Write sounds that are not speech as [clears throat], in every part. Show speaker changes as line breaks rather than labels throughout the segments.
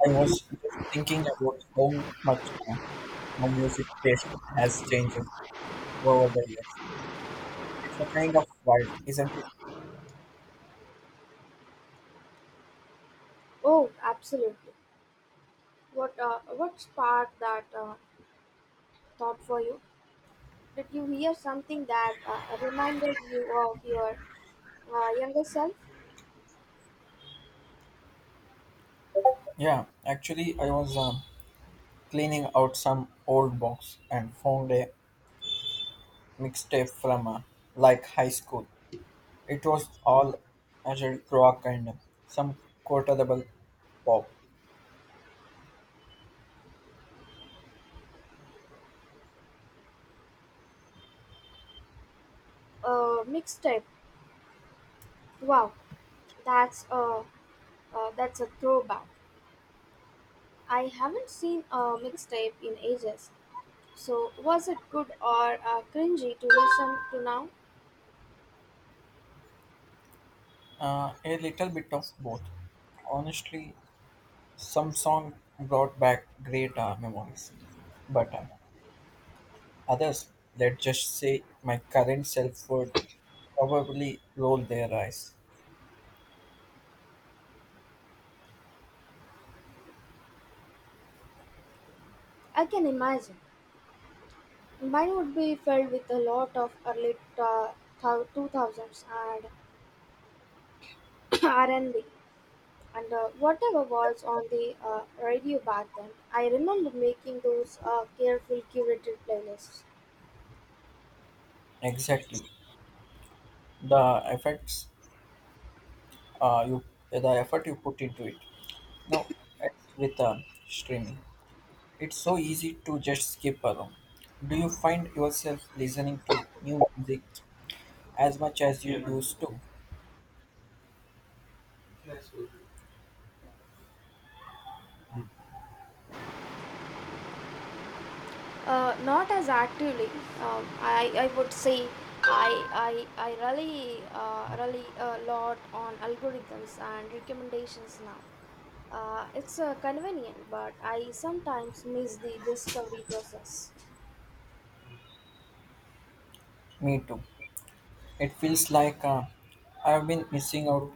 I was just thinking about how much my music taste has changed over the years. It's a kind of wild, isn't it?
Oh, absolutely. What What sparked that thought for you? Did you hear something that reminded you of your younger self?
Yeah, actually, I was cleaning out some old box and found a mixtape from like high school. It was all adult rock and some quotable pop,
Mixtape. Wow, that's that's a throwback. I haven't seen a mixtape in ages. So was it good or cringy to listen to now?
a little bit of both. Honestly, some song brought back great memories, but others, let's just say my current self, would probably roll their eyes.
I can imagine. Mine would be filled with a lot of early 2000s and [coughs] [clears throat] R&B. And whatever was on the radio back then, I remember making those careful curated playlists.
Exactly. The effects uh, you the effort you put into it. Now it's with streaming, it's so easy to just skip around. Do you find yourself listening to new music as much as you used to?
Not as actively. I would say I rely a lot on algorithms and recommendations now. It's convenient, but I sometimes miss the discovery process.
Me too. It feels like I've been missing out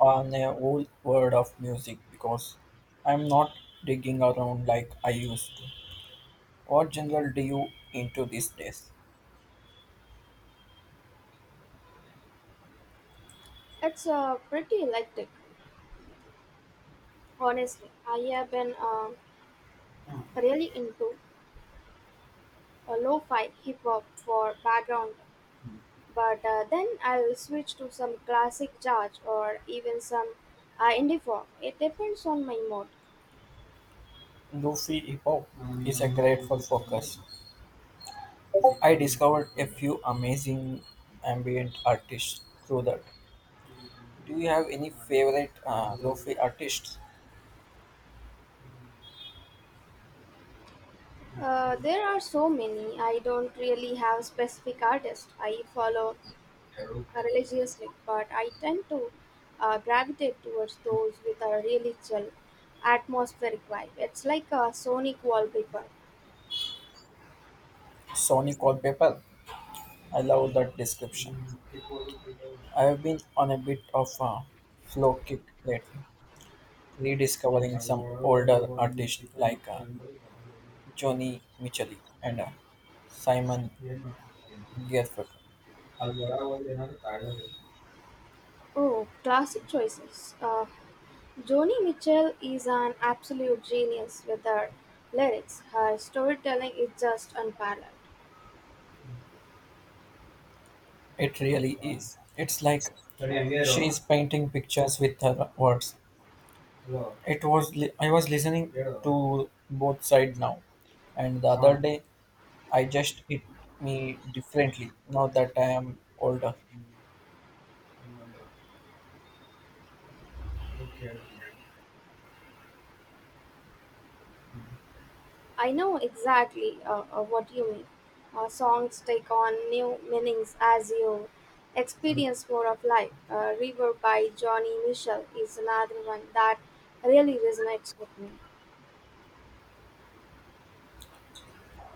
on a whole world of music because I'm not digging around like I used to. What genre do you into these days?
It's pretty electric, honestly. I have been really into a lo-fi hip hop for background, but then I'll switch to some classic jazz or even some indie folk. It depends on my mood.
Lofi hip hop is a great for focus. I discovered a few amazing ambient artists through that. Do you have any favorite lofi artists?
There are so many. I don't really have specific artists I follow religiously, but I tend to gravitate towards those with a really chill atmospheric vibe. It's like a sonic wallpaper.
Sonic Wallpaper. I love that description. I have been on a bit of a flow kick lately, rediscovering some older artists like Johnny Mitchell and Simon Garfunkel.
Oh, classic choices. Joni Mitchell is an absolute genius with her lyrics. Her storytelling is just unparalleled.
It really is. It's like she's painting pictures with her words. I was listening to both side now, and the other day I just hit me differently. Now that I am older,
I know exactly what you mean. Her songs take on new meanings as you experience more of life. River by Joni Mitchell is another one that really resonates with me.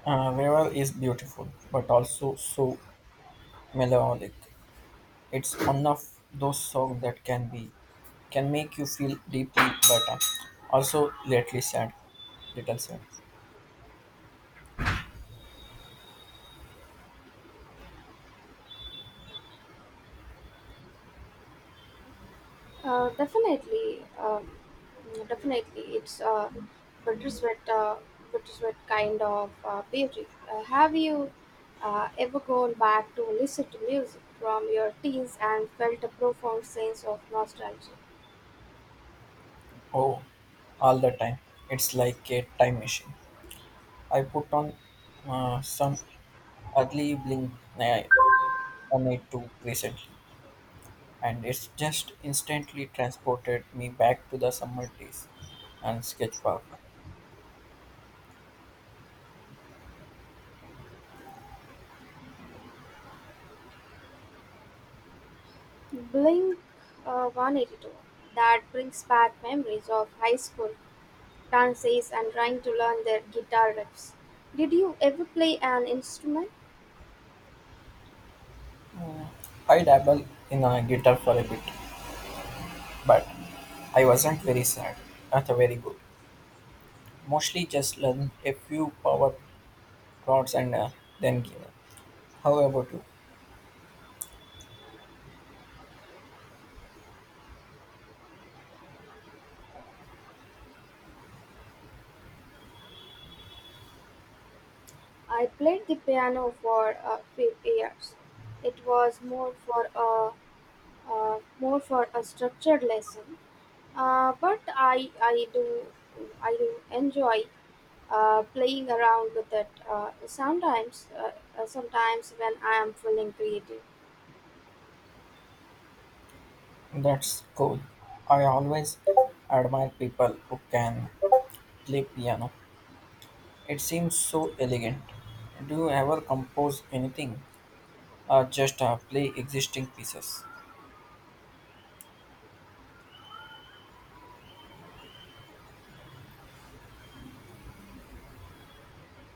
Viral is beautiful, but also so melancholic. It's one of those songs that can make you feel deeply, but also lately sad, little sad.
Uh, definitely, um, Definitely, it's a bittersweet, uh, bittersweet kind of beauty. Have you ever gone back to listen to music from your teens and felt a profound sense of nostalgia?
Oh, all the time. It's like a time machine. I put on some ugly bling on it too recently, and it's just instantly transported me back to the summer days and sketch park.
Blink 182. That brings back memories of high school dances and trying to learn their guitar riffs. Did you ever play an instrument?
Mm. I dabble in a guitar for a bit, but I wasn't very sad, not very good. Mostly just learn a few power chords and then give up. How about you?
I played the piano for a few years. It was more for a structured lesson, but I do enjoy playing around with it. Sometimes when I am feeling creative.
That's cool. I always admire people who can play piano. It seems so elegant. Do you ever compose anything or just play existing pieces?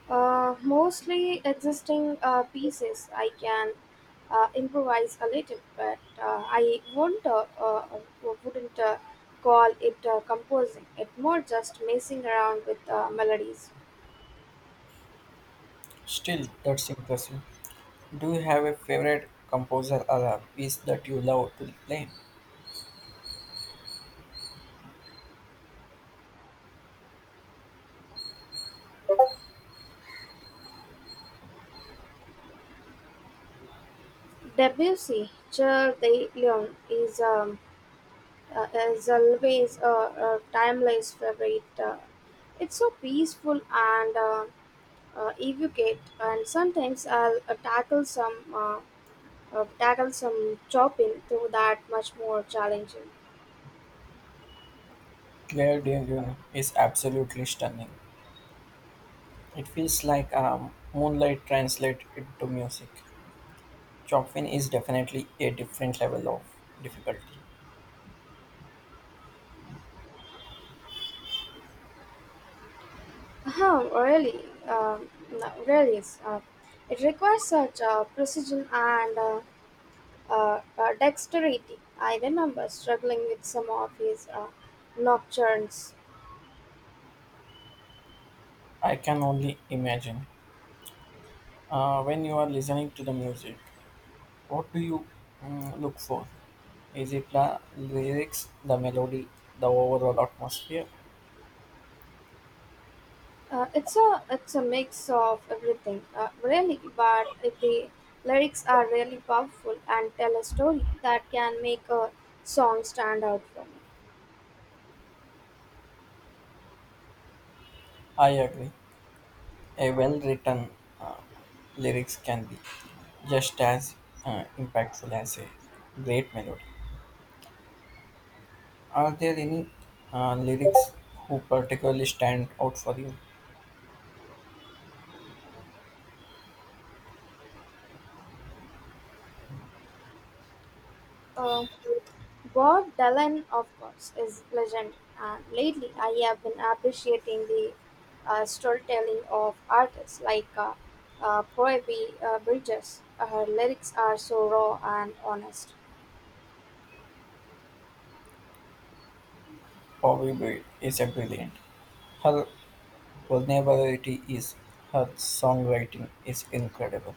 Mostly existing pieces. I can improvise a little, but I won't, wouldn't call it composing. It more just messing around with melodies.
Still, that's impressive. Do you have a favorite composer or a piece that you love to play?
Debussy, Cher de Leon is always a timeless favorite. It's so peaceful and evocate, and sometimes I'll tackle some chopping to that much more challenging.
Claire de Lune is absolutely stunning. It feels like moonlight translate into music. Chopin is definitely a different level of difficulty.
Uh-huh, really, no, really is. It requires such precision and dexterity. I remember struggling with some of his nocturnes.
I can only imagine. When you are listening to the music, what do you look for? Is it the lyrics, the melody, the overall atmosphere?
It's a mix of everything, really. But if the lyrics are really powerful and tell a story, that can make a song stand out for me.
I agree. A well written uh, lyrics can be just as impactful as a great melody. Are there any lyrics who particularly stand out for you?
Um, Bob Dylan, of course, is legend, and lately I have been appreciating the storytelling of artists like Phoebe Bridges. Her lyrics are so raw and honest.
Bobby Brown is a brilliant. Her vulnerability is Her songwriting is incredible.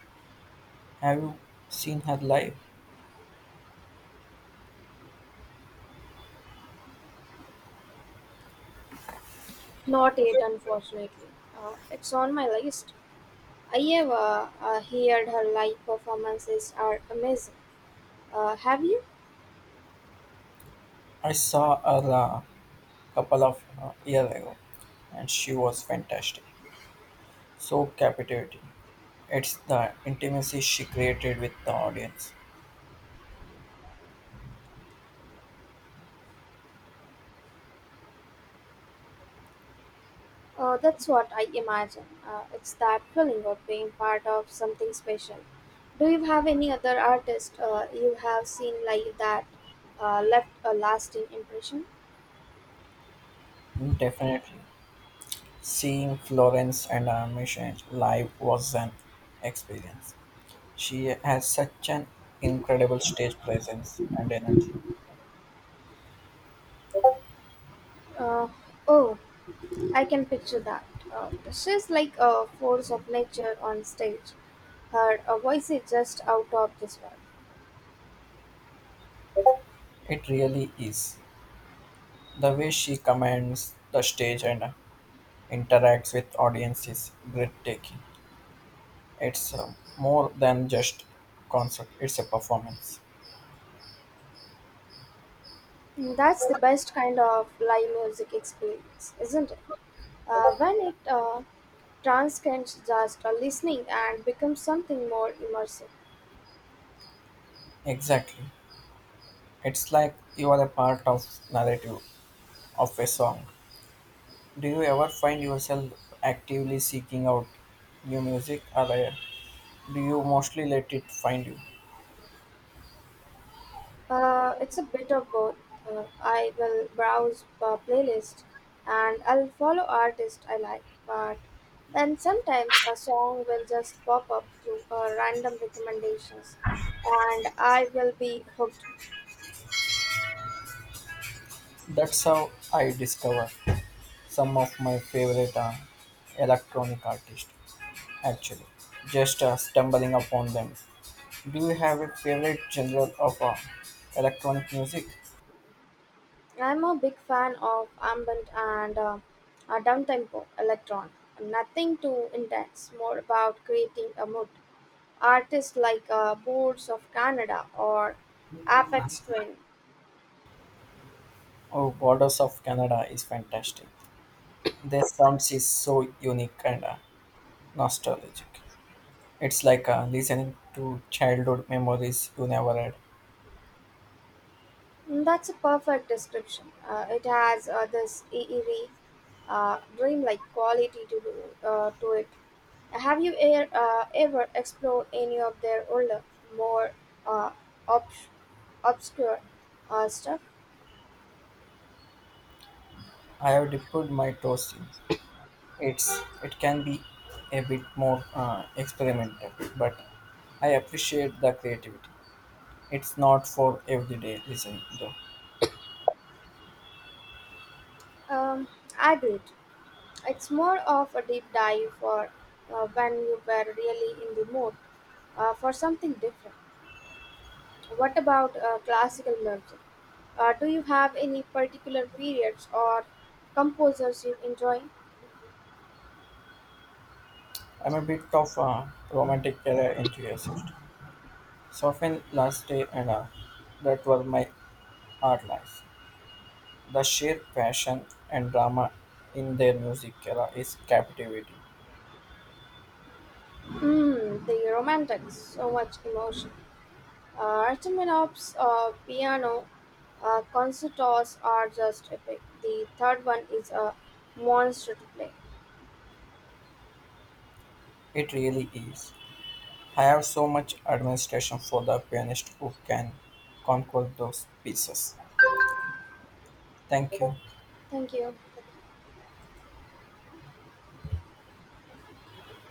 Have you seen her live?
Not yet, unfortunately. It's on my list. I have heard her live performances are amazing. Have you?
I saw her couple of years ago, and she was fantastic. So captivating. It's the intimacy she created with the audience.
That's what I imagine. It's that feeling of being part of something special. Do you have any other artist you have seen like that left a lasting impression?
Definitely, seeing Florence and her mission live was an experience. She has such an incredible stage presence and energy.
Uh, oh, I can picture that. She's like a force of nature on stage. Her voice is just out of this world.
It really is. The way she commands the stage and interacts with audience is breathtaking. It's more than just concert; it's a performance.
Mm, that's the best kind of live music experience, isn't it? When it transcends just listening and becomes something more immersive.
Exactly. It's like you are a part of narrative of a song. Do you ever find yourself actively seeking out new music or do you mostly let it find you?
It's a bit of both. I will browse playlists, and I'll follow artists I like, but then sometimes a song will just pop up through random recommendations and I will be hooked.
That's how I discover some of my favorite electronic artists actually. Just stumbling upon them. Do you have a favorite genre of electronic music?
I'm a big fan of ambient and down tempo electron. Nothing too intense, more about creating a mood. Artists like Boards of Canada or Apex Twin.
Oh, Borders of Canada is fantastic. Their sound is so unique and nostalgic. It's like listening to childhood memories you never had.
Mm, that's a perfect description. It has this eerie, dreamlike quality to it. Have you ever explored any of their older, more uh, obs- obscure stuff?
I have dipped my toes in. It's it can be a bit more experimental, but I appreciate the creativity. It's not for everyday listening though.
Um, I do it. It's more of a deep dive for when you were really in the mood for something different. What about classical music? Do you have any particular periods or composers you enjoy?
I'm a bit of a romantic era enthusiast. Soften last day and hour. That was my art life. The sheer passion and drama in their music era is captivating.
Mm, the Romantics, so much emotion. Rachmaninoff's piano concertos are just epic. The third one is a monster to play.
It really is. I have so much administration for the pianist who can conquer those pieces. Thank you.
Thank you.